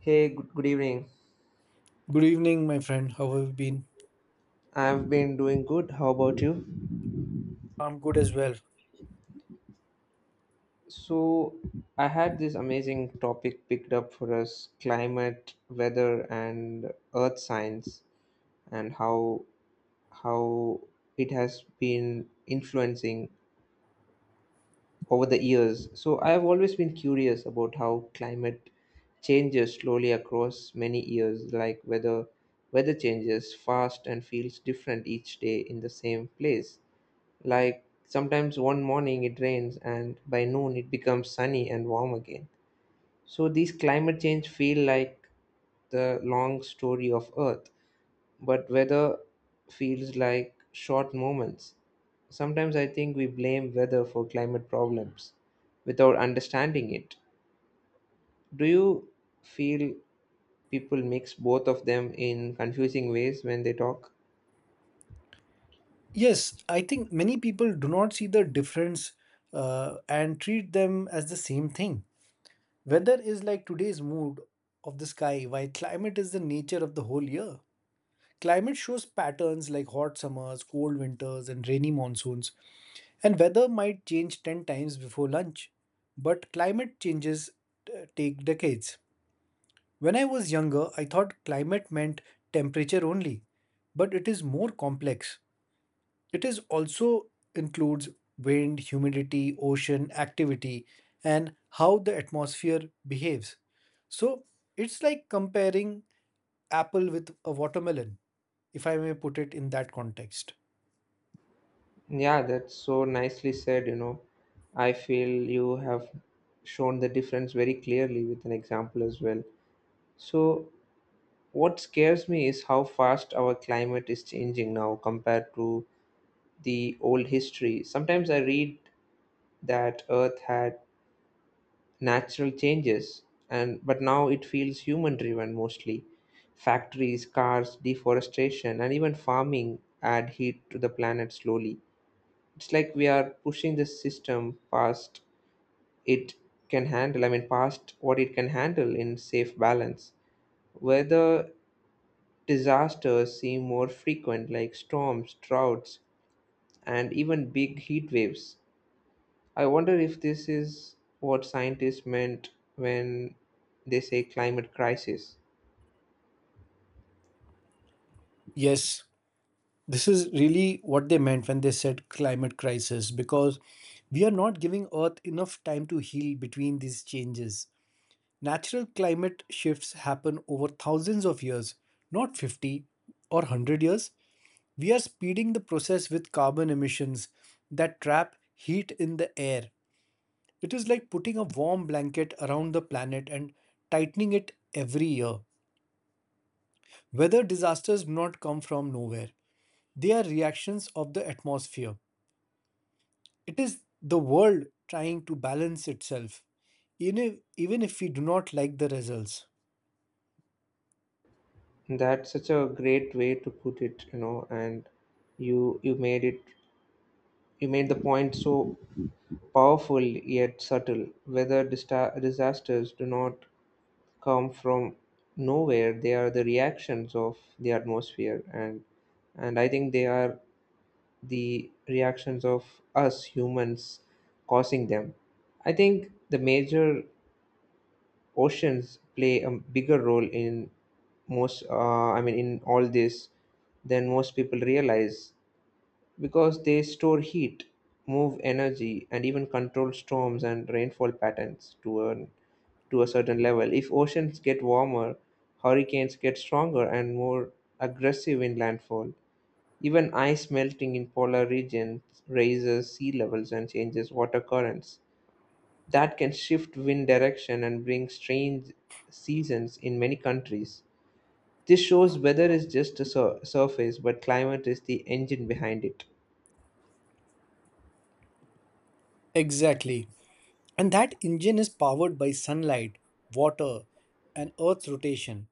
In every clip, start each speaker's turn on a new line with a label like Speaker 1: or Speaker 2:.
Speaker 1: Hey, good evening.
Speaker 2: Good evening, my friend. How have you been?
Speaker 1: I've been doing good. How about you?
Speaker 2: I'm good as well.
Speaker 1: So, I had this amazing topic picked up for us climate, weather, and earth science, and how it has been influencing over the years. So, I've always been curious about how climate changes slowly across many years, like whether weather changes fast and feels different each day in the same place. Like sometimes one morning it rains and by noon it becomes sunny and warm again. So these climate change feel like the long story of Earth, but weather feels like short moments. Sometimes I think we blame weather for climate problems without understanding it. Do you feel people mix both of them in confusing ways when they talk?
Speaker 2: Yes, I think many people do not see the difference and treat them as the same thing. Weather is like today's mood of the sky, while climate is the nature of the whole year. Climate shows patterns like hot summers, cold winters, and rainy monsoons. And weather might change 10 times before lunch, but climate changes take decades. When I was younger, I thought climate meant temperature only, but it is more complex. It is also includes wind, humidity, ocean, activity, and how the atmosphere behaves. So it's like comparing apple with a watermelon, if I may put it in that context.
Speaker 1: Yeah, that's so nicely said. I feel you have shown the difference very clearly with an example as well. So, what scares me is how fast our climate is changing now compared to the old history. Sometimes I read that Earth had natural changes, and but now it feels human driven mostly. Factories, cars, deforestation, and even farming add heat to the planet slowly. It's like we are pushing the system past it can handle, I mean, past what it can handle in safe balance. Weather disasters seem more frequent, like storms, droughts, and even big heat waves. I wonder if this is what scientists meant when they say climate crisis.
Speaker 2: Yes, this is really what they meant when they said climate crisis because we are not giving Earth enough time to heal between these changes. Natural climate shifts happen over thousands of years, not 50 or 100 years. We are speeding the process with carbon emissions that trap heat in the air. It is like putting a warm blanket around the planet and tightening it every year. Weather disasters do not come from nowhere, they are reactions of the atmosphere. It is the world trying to balance itself, even if we do not like the results.
Speaker 1: That's such a great way to put it, and you you made it You made the point so powerful yet subtle. Whether disasters do not come from nowhere, they are the reactions of the atmosphere, and I think they are the reactions of us humans causing them. I think the major oceans play a bigger role in most. I mean, in all this than most people realize, because they store heat, move energy, and even control storms and rainfall patterns to a certain level. If oceans get warmer, hurricanes get stronger and more aggressive in landfall. Even ice melting in polar regions raises sea levels and changes water currents. That can shift wind direction and bring strange seasons in many countries. This shows weather is just a surface, but climate is the engine behind it.
Speaker 2: Exactly. And that engine is powered by sunlight, water, and Earth's rotation.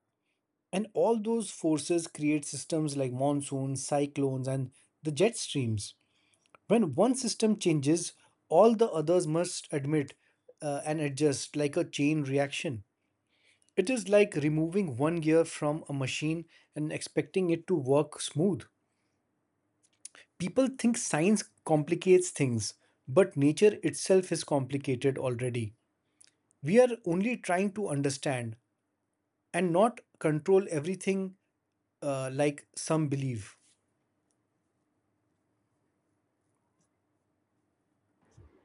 Speaker 2: And all those forces create systems like monsoons, cyclones, and the jet streams. When one system changes, all the others must admit and adjust like a chain reaction. It is like removing one gear from a machine and expecting it to work smooth. People think science complicates things, but nature itself is complicated already. We are only trying to understand and not control everything, like some believe.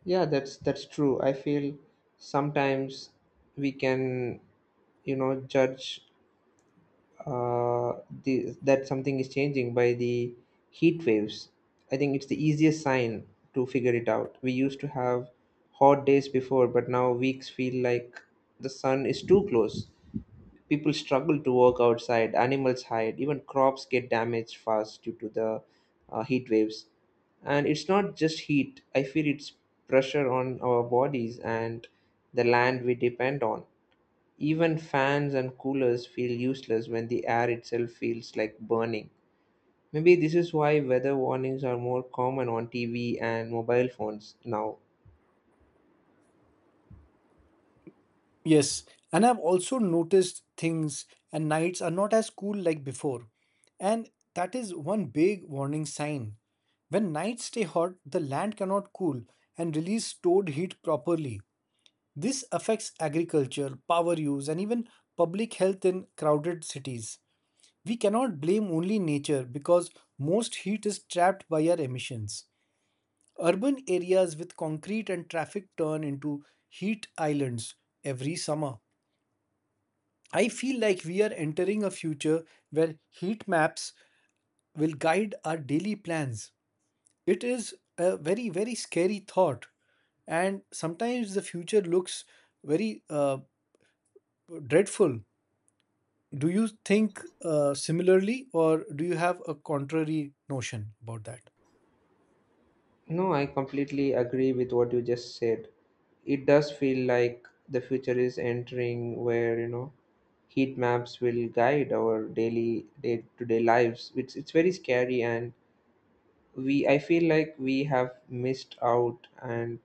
Speaker 1: Yeah, that's true. I feel sometimes we can, judge uh, the that something is changing by the heat waves. I think it's the easiest sign to figure it out. We used to have hot days before, but now weeks feel like the sun is too close. People struggle to work outside, animals hide, even crops get damaged fast due to the heat waves. And it's not just heat, I feel it's pressure on our bodies and the land we depend on. Even fans and coolers feel useless when the air itself feels like burning. Maybe this is why weather warnings are more common on TV and mobile phones now.
Speaker 2: Yes, and I've also noticed things and nights are not as cool like before. And that is one big warning sign. When nights stay hot, the land cannot cool and release stored heat properly. This affects agriculture, power use, and even public health in crowded cities. We cannot blame only nature because most heat is trapped by our emissions. Urban areas with concrete and traffic turn into heat islands every summer. I feel like we are entering a future where heat maps will guide our daily plans. It is a very, very scary thought, and sometimes the future looks very, dreadful. Do you think, similarly, or do you have a contrary notion about that?
Speaker 1: No, I completely agree with what you just said. It does feel like the future is entering where, heat maps will guide our daily day-to-day lives. It's very scary, and we I feel like we have missed out, and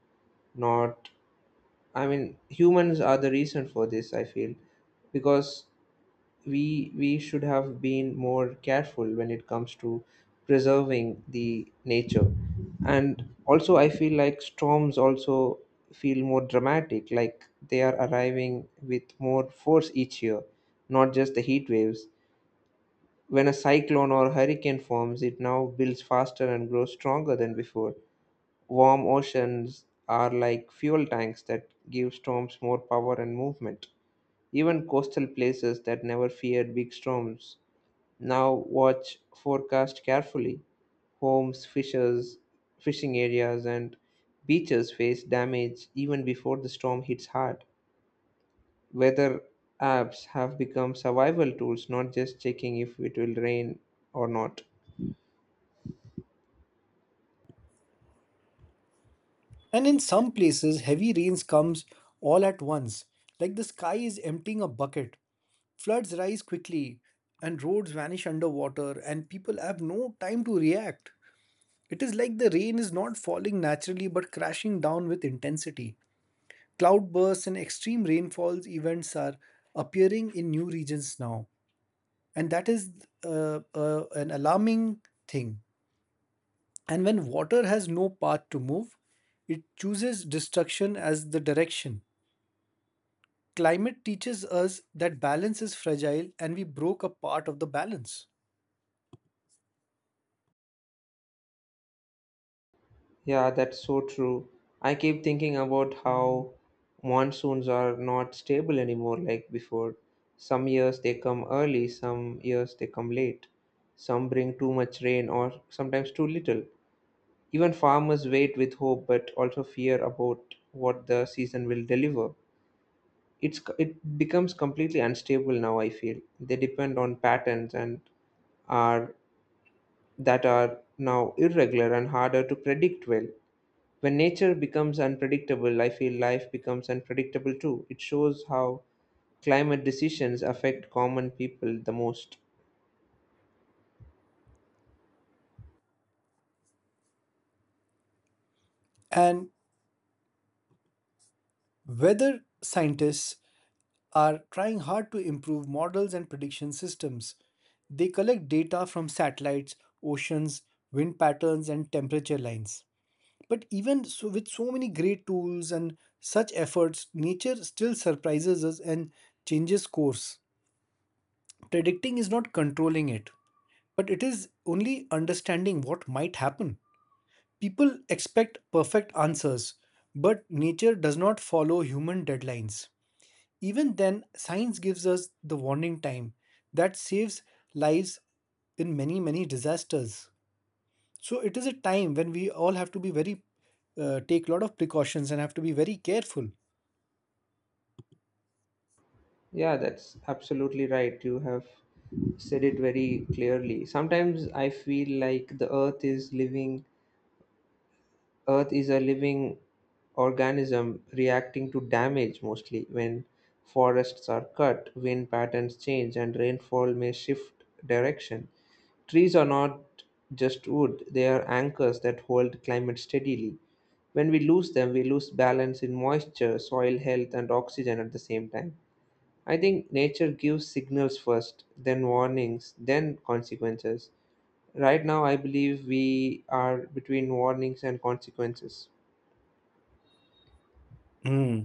Speaker 1: not, I mean, humans are the reason for this, I feel. Because we should have been more careful when it comes to preserving the nature. And also, I feel like storms also feel more dramatic, like they are arriving with more force each year, not just the heat waves. When a cyclone or hurricane forms, it now builds faster and grows stronger than before. Warm oceans are like fuel tanks that give storms more power and movement. Even coastal places that never feared big storms now watch forecast carefully. Homes, fishers, fishing areas, and beaches face damage even before the storm hits hard. Weather apps have become survival tools, not just checking if it will rain or not.
Speaker 2: And in some places, heavy rains comes all at once, like the sky is emptying a bucket. Floods rise quickly, and roads vanish underwater, and people have no time to react. It is like the rain is not falling naturally but crashing down with intensity. Cloudbursts and extreme rainfalls events are appearing in new regions now, and that is an alarming thing. And when water has no path to move, it chooses destruction as the direction. Climate teaches us that balance is fragile and we broke a part of the balance.
Speaker 1: Yeah, that's so true. I keep thinking about how monsoons are not stable anymore like before. Some years they come early, some years they come late. Some bring too much rain or sometimes too little. Even farmers wait with hope but also fear about what the season will deliver. It becomes completely unstable now, I feel. They depend on patterns and are that are now irregular and harder to predict well. When nature becomes unpredictable, I feel life becomes unpredictable too. It shows how climate decisions affect common people the most.
Speaker 2: And whether scientists are trying hard to improve models and prediction systems, they collect data from satellites, oceans, wind patterns, and temperature lines. But even so, with so many great tools and such efforts, nature still surprises us and changes course. Predicting is not controlling it, but it is only understanding what might happen. People expect perfect answers, but nature does not follow human deadlines. Even then, science gives us the warning time that saves lives in many, many disasters. So it is a time when we all have to be very, take a lot of precautions and have to be very careful.
Speaker 1: Yeah, that's absolutely right. You have said it very clearly. Sometimes I feel like the earth is living, earth is a living organism reacting to damage, mostly when forests are cut, wind patterns change, and rainfall may shift direction. Trees are not just wood, they are anchors that hold climate steadily. When we lose them, we lose balance in moisture, soil health, and oxygen at the same time. I think nature gives signals first, then warnings, then consequences. Right now, I believe we are between warnings and consequences.
Speaker 2: Hmm.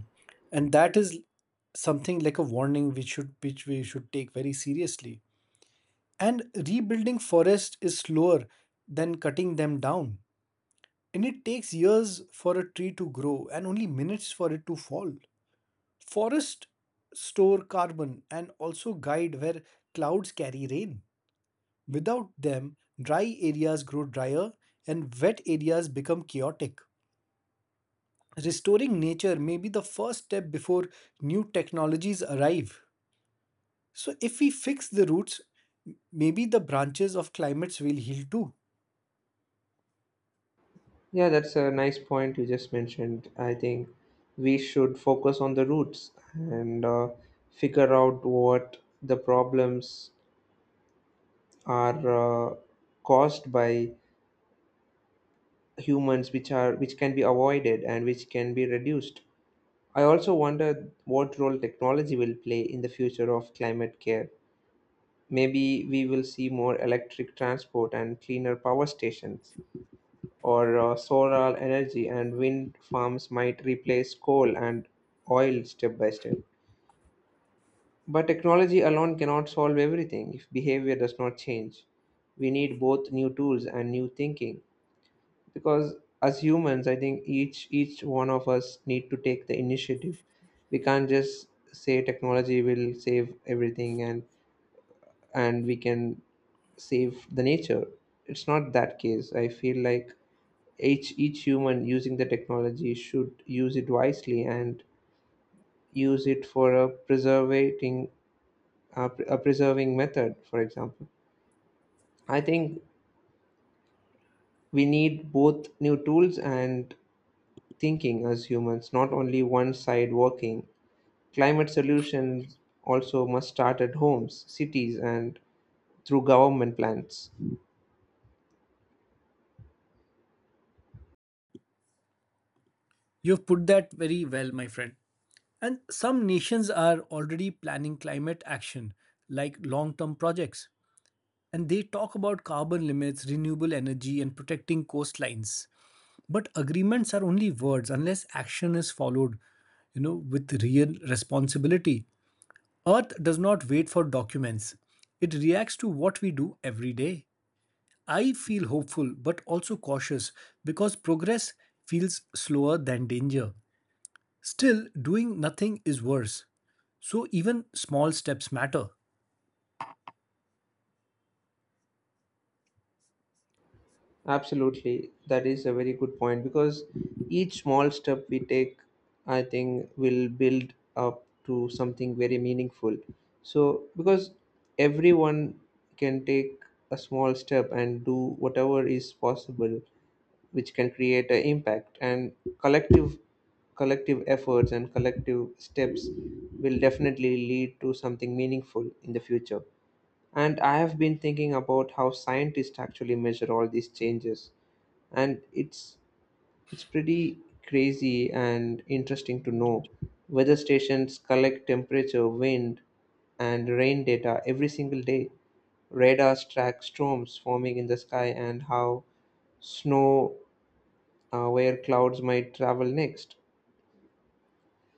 Speaker 2: And that is something like a warning which should which we should take very seriously. And rebuilding forests is slower than cutting them down. And it takes years for a tree to grow and only minutes for it to fall. Forests store carbon and also guide where clouds carry rain. Without them, dry areas grow drier and wet areas become chaotic. Restoring nature may be the first step before new technologies arrive. So, if we fix the roots, maybe the branches of climates will heal too.
Speaker 1: Yeah, that's a nice point you just mentioned. I think we should focus on the roots and figure out what the problems are, caused by humans, which can be avoided and which can be reduced. I also wonder what role technology will play in the future of climate care. Maybe we will see more electric transport and cleaner power stations, or solar energy and wind farms might replace coal and oil step by step. But technology alone cannot solve everything if behavior does not change. We need both new tools and new thinking, because as humans, I think each one of us need to take the initiative. We can't just say technology will save everything and we can save the nature. It's not that case, I feel like each human using the technology should use it wisely, and use it for a preserving method, for example. I think we need both new tools and thinking as humans, not only one side working. Climate solutions also must start at homes, cities, and through government plans.
Speaker 2: You've put that very well, my friend. And some nations are already planning climate action, like long term projects. And they talk about carbon limits, renewable energy, and protecting coastlines. But agreements are only words unless action is followed, you know, with real responsibility. Earth does not wait for documents, it reacts to what we do every day. I feel hopeful but also cautious because progress feels slower than danger. Still, doing nothing is worse. So, even small steps matter.
Speaker 1: Absolutely, that is a very good point, because each small step we take, I think, will build up to something very meaningful. So, because everyone can take a small step and do whatever is possible, which can create an impact, and collective collective efforts and collective steps will definitely lead to something meaningful in the future. And I have been thinking about how scientists actually measure all these changes, and it's pretty crazy and interesting to know. Weather stations collect temperature, wind, and rain data every single day. Radars track storms forming in the sky, and how snow where clouds might travel next.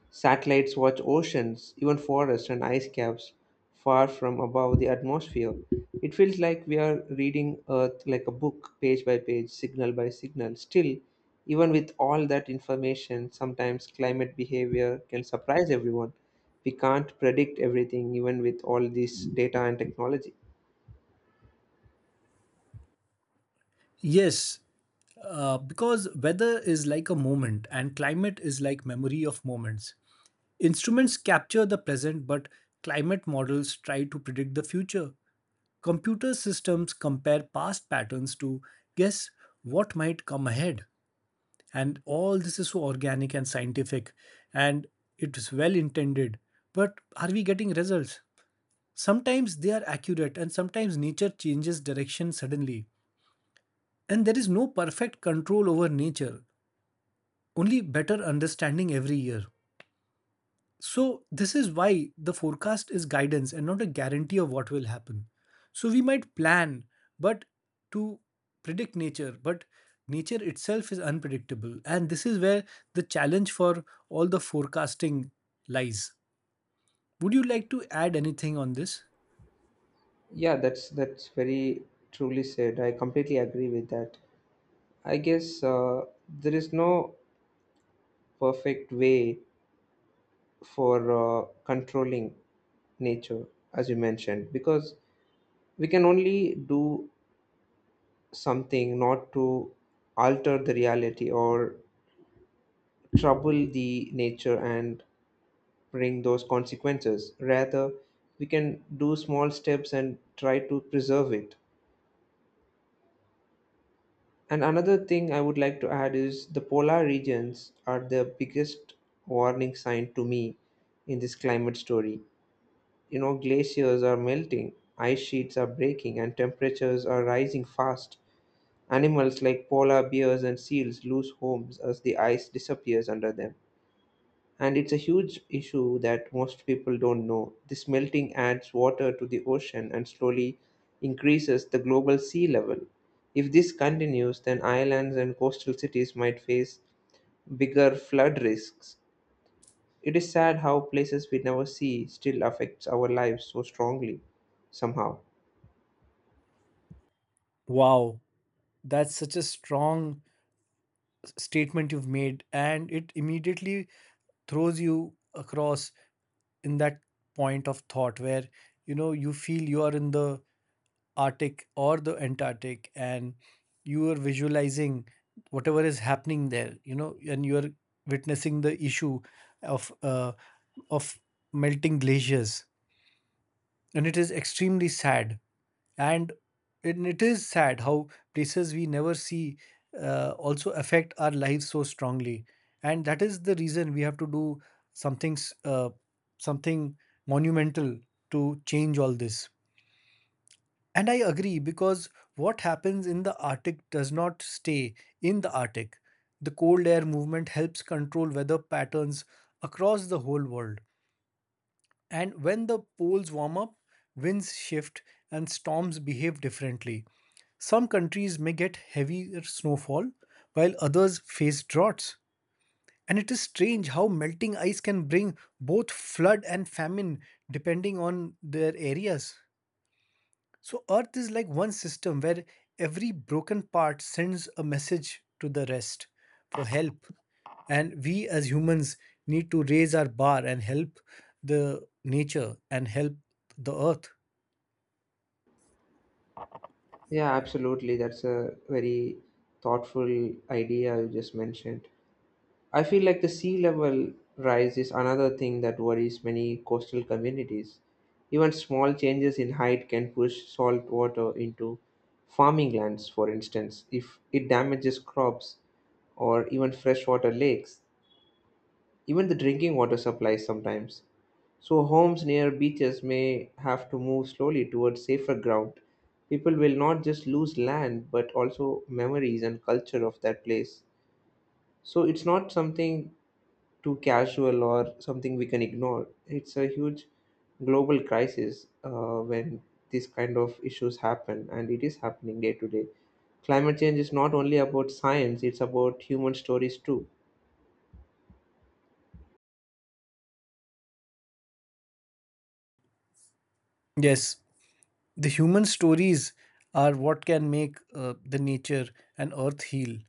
Speaker 1: Satellites watch oceans, even forests and ice caps, far from above the atmosphere. It feels like we are reading Earth like a book, page by page, signal by signal. Still, even with all that information, sometimes climate behavior can surprise everyone. We can't predict everything, even with all this data and technology.
Speaker 2: Yes, because weather is like a moment and climate is like memory of moments. Instruments capture the present, but climate models try to predict the future. Computer systems compare past patterns to guess what might come ahead. And all this is so organic and scientific, and it's well intended. But are we getting results? Sometimes they are accurate, and sometimes nature changes direction suddenly. And there is no perfect control over nature, only better understanding every year. So, this is why the forecast is guidance and not a guarantee of what will happen. So, we might plan, but to predict nature, but nature itself is unpredictable. And this is where the challenge for all the forecasting lies. Would you like to add anything on this?
Speaker 1: Yeah, that's very truly said. I completely agree with that. I guess there is no perfect way for controlling nature, as you mentioned, because we can only do something not to alter the reality or trouble the nature and bring those consequences. Rather, we can do small steps and try to preserve it. And another thing I would like to add is the polar regions are the biggest warning sign to me in this climate story. Glaciers are melting, ice sheets are breaking, and temperatures are rising fast. Animals like polar bears and seals lose homes as the ice disappears under them. And it's a huge issue that most people don't know. This melting adds water to the ocean and slowly increases the global sea level. If this continues, then islands and coastal cities might face bigger flood risks. It is sad how places we never see still affects our lives so strongly somehow.
Speaker 2: Wow, that's such a strong statement you've made, and it immediately throws you across in that point of thought where, you know, you feel you are in the Arctic or the Antarctic, and you are visualizing whatever is happening there, you know, and you are witnessing the issue of uh, of melting glaciers, and it is extremely sad. And it is sad how places we never see, also affect our lives so strongly, and that is the reason we have to do something s- uh, something monumental to change all this. And I agree, because what happens in the Arctic does not stay in the Arctic. The cold air movement helps control weather patterns across the whole world, and when the poles warm up, winds shift and storms behave differently. Some countries may get heavier snowfall, while others face droughts. And it is strange how melting ice can bring both flood and famine depending on their areas. So, Earth is like one system where every broken part sends a message to the rest for help. And we as humans need to raise our bar and help the nature and help the Earth.
Speaker 1: Yeah, absolutely. That's a very thoughtful idea you just mentioned. I feel like the sea level rise is another thing that worries many coastal communities. Even small changes in height can push salt water into farming lands, for instance, if it damages crops or even freshwater lakes. Even the drinking water supplies sometimes. So, homes near beaches may have to move slowly towards safer ground. People will not just lose land but also memories and culture of that place. So, it's not something too casual or something we can ignore. It's a huge global crisis when these kind of issues happen, and it is happening day to day. Climate change is not only about science, it's about human stories too.
Speaker 2: Yes, the human stories are what can make, the nature and earth heal.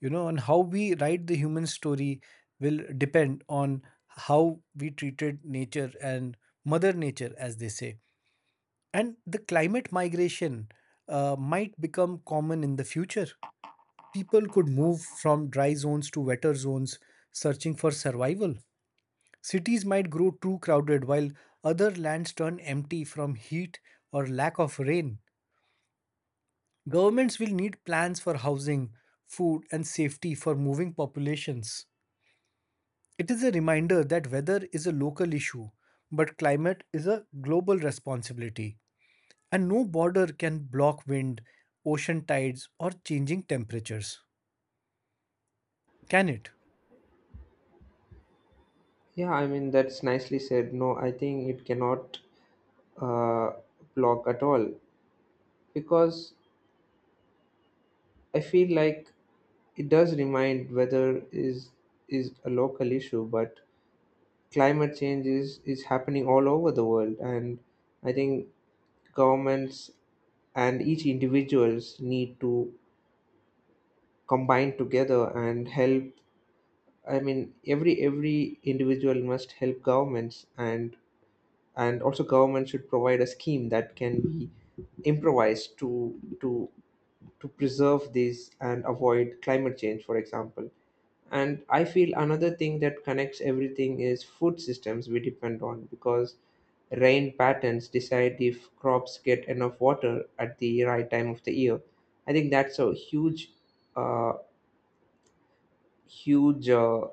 Speaker 2: You know, and how we write the human story will depend on how we treated nature and Mother Nature, as they say. And the climate migration, might become common in the future. People could move from dry zones to wetter zones, searching for survival. Cities might grow too crowded while other lands turn empty from heat or lack of rain. Governments will need plans for housing, food, and safety for moving populations. It is a reminder that weather is a local issue, but climate is a global responsibility, and no border can block wind, ocean tides, or changing temperatures. Can it?
Speaker 1: Yeah, I mean, that's nicely said. No, I think it cannot uh, block at all because I feel like it does remind weather is a local issue, but climate change is happening all over the world, and I think governments and each individuals need to combine together and help. I mean, every individual must help governments and also government should provide a scheme that can be improvised to preserve this and avoid climate change, for example. And I feel another thing that connects everything is food systems we depend on, because rain patterns decide if crops get enough water at the right time of the year. I think that's a huge uh, huge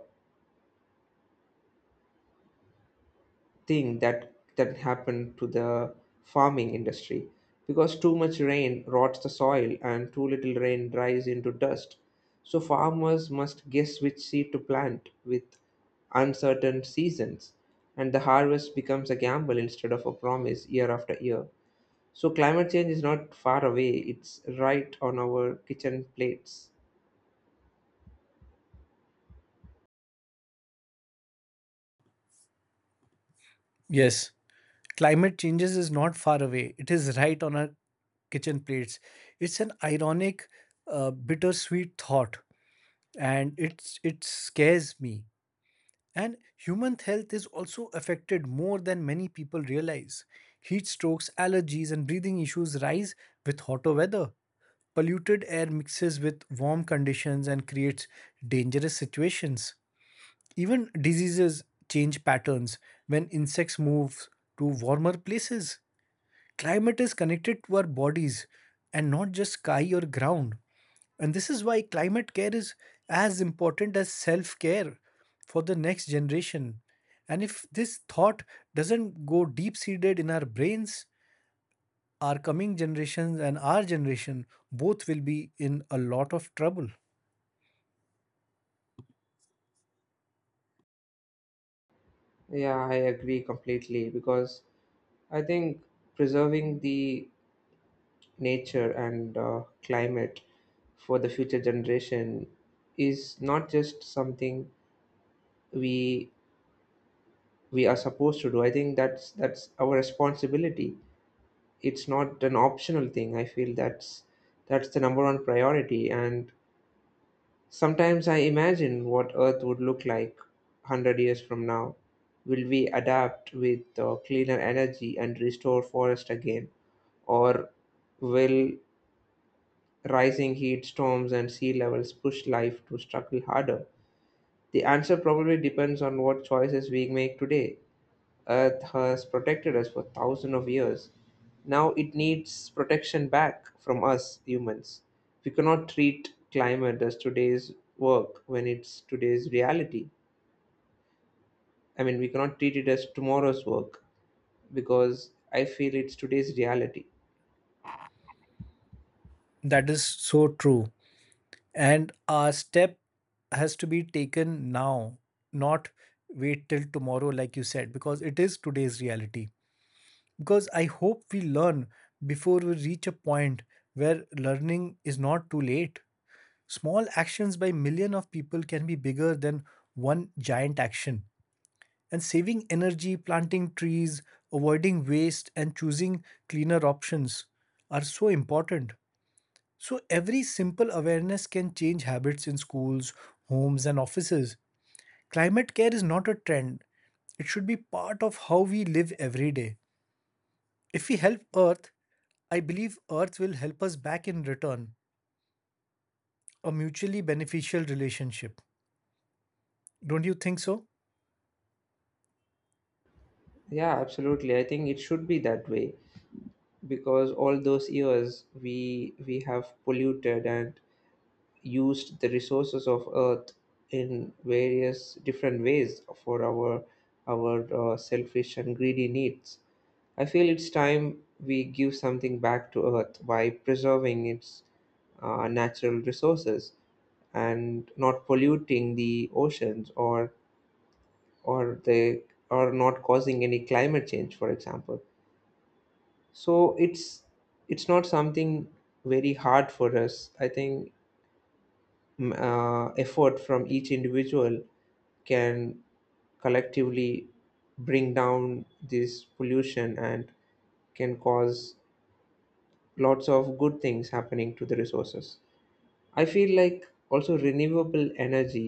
Speaker 1: thing that happened to the farming industry, because too much rain rots the soil and too little rain dries into dust. So farmers must guess which seed to plant with uncertain seasons, and the harvest becomes a gamble instead of a promise year after year. So climate change is not far away, it's right on our kitchen plates.
Speaker 2: Yes, climate changes is not far away. It is right on our kitchen plates. It's an ironic, bittersweet thought, and it scares me. And human health is also affected more than many people realize. Heat strokes, allergies, and breathing issues rise with hotter weather. Polluted air mixes with warm conditions and creates dangerous situations. Even diseases change patterns when insects move to warmer places. Climate is connected to our bodies and not just sky or ground. And this is why climate care is as important as self care for the next generation. And if this thought doesn't go deep seated in our brains, our coming generations and our generation both will be in a lot of trouble.
Speaker 1: Yeah, I agree completely, because I think preserving the nature and climate for the future generation is not just something we we are supposed to do. I think that's our responsibility. It's not an optional thing. I feel that's the number one priority. And sometimes I imagine what Earth would look like 100 years from now. Will we adapt with cleaner energy and restore forest again, or will rising heat, storms, and sea levels push life to struggle harder? The answer probably depends on what choices we make today. Earth has protected us for thousands of years. Now it needs protection back from us humans. We cannot treat climate as today's work when it's today's reality. I mean, we cannot treat it as tomorrow's work because I feel it's today's reality.
Speaker 2: That is so true. And our step has to be taken now, not wait till tomorrow, like you said, because it is today's reality. Because I hope we learn before we reach a point where learning is not too late. Small actions by million of people can be bigger than one giant action. And saving energy, planting trees, avoiding waste, and choosing cleaner options are so important. So, every simple awareness can change habits in schools, homes, and offices. Climate care is not a trend, it should be part of how we live every day. If we help Earth, I believe Earth will help us back in return, a mutually beneficial relationship. Don't you think so?
Speaker 1: Yeah, absolutely. I think it should be that way, because all those years we have polluted and used the resources of Earth in various different ways for our selfish and greedy needs. I feel it's time we give something back to Earth by preserving its natural resources and not polluting the oceans, or the or not causing any climate change, for example. So it's not something very hard for us, I think. Effort from each individual can collectively bring down this pollution and can cause lots of good things happening to the resources. I feel like also renewable energy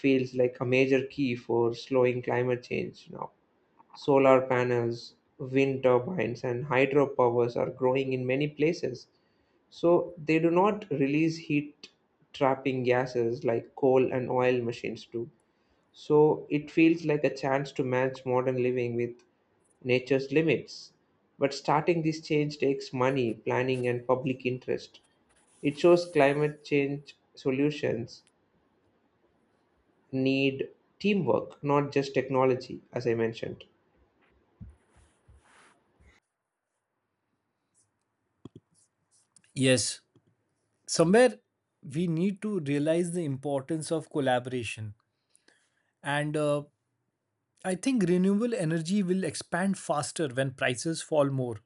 Speaker 1: feels like a major key for slowing climate change now. Solar panels, wind turbines, and hydropowers are growing in many places. So they do not release heat trapping gases like coal and oil machines do. So it feels like a chance to match modern living with nature's limits. But starting this change takes money, planning, and public interest. It shows climate change solutions need teamwork, not just technology, as I mentioned.
Speaker 2: Yes, somewhere we need to realize the importance of collaboration. And, I think renewable energy will expand faster when prices fall more.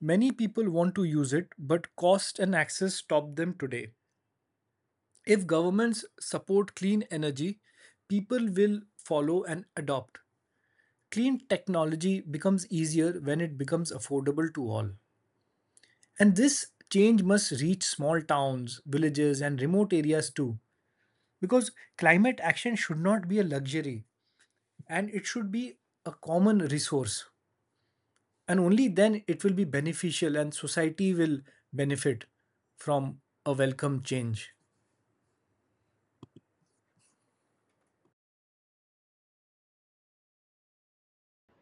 Speaker 2: Many people want to use it, but cost and access stop them today. If governments support clean energy, people will follow and adopt. Clean technology becomes easier when it becomes affordable to all. And this change must reach small towns, villages, and remote areas too. Because climate action should not be a luxury and it should be a common resource. And only then it will be beneficial and society will benefit from a welcome change.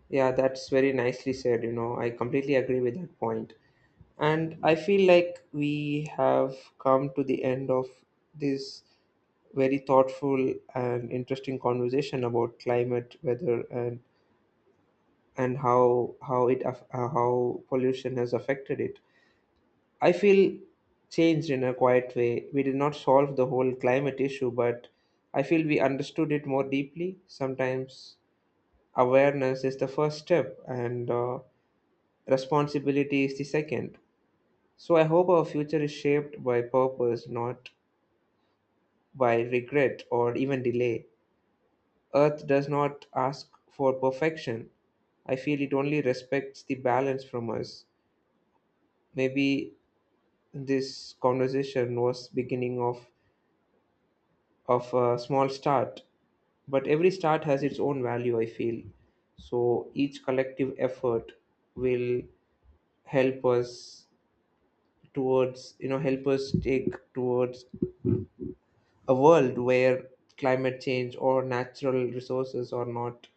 Speaker 1: Yeah, that's very nicely said. You know, I completely agree with that point. And I feel like we have come to the end of this very thoughtful and interesting conversation about climate, weather, and how pollution has affected it. I feel changed in a quiet way. We did not solve the whole climate issue, but I feel we understood it more deeply. Sometimes awareness is the first step, and responsibility is the second. So I hope our future is shaped by purpose, not by regret or even delay. Earth does not ask for perfection. I feel it only respects the balance from us. Maybe this conversation was beginning of a small start, but every start has its own value, I feel. So each collective effort will help us towards, help us take towards a world where climate change or natural resources are not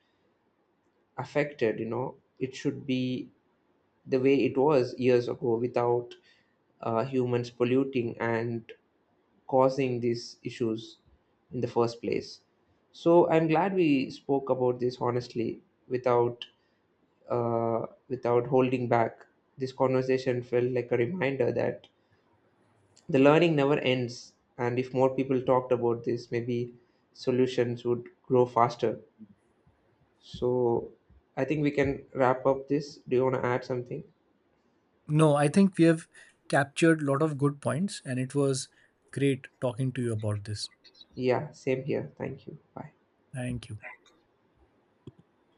Speaker 1: affected. It should be the way it was years ago, without humans polluting and causing these issues in the first place. So I'm glad we spoke about this honestly, without uh, without holding back. This conversation felt like a reminder that the learning never ends, and if more people talked about this, maybe solutions would grow faster. So I think we can wrap up this. Do you want to add something?
Speaker 2: No, I think we have captured a lot of good points and it was great talking to you about this.
Speaker 1: Yeah, same here. Thank you. Bye.
Speaker 2: Thank you.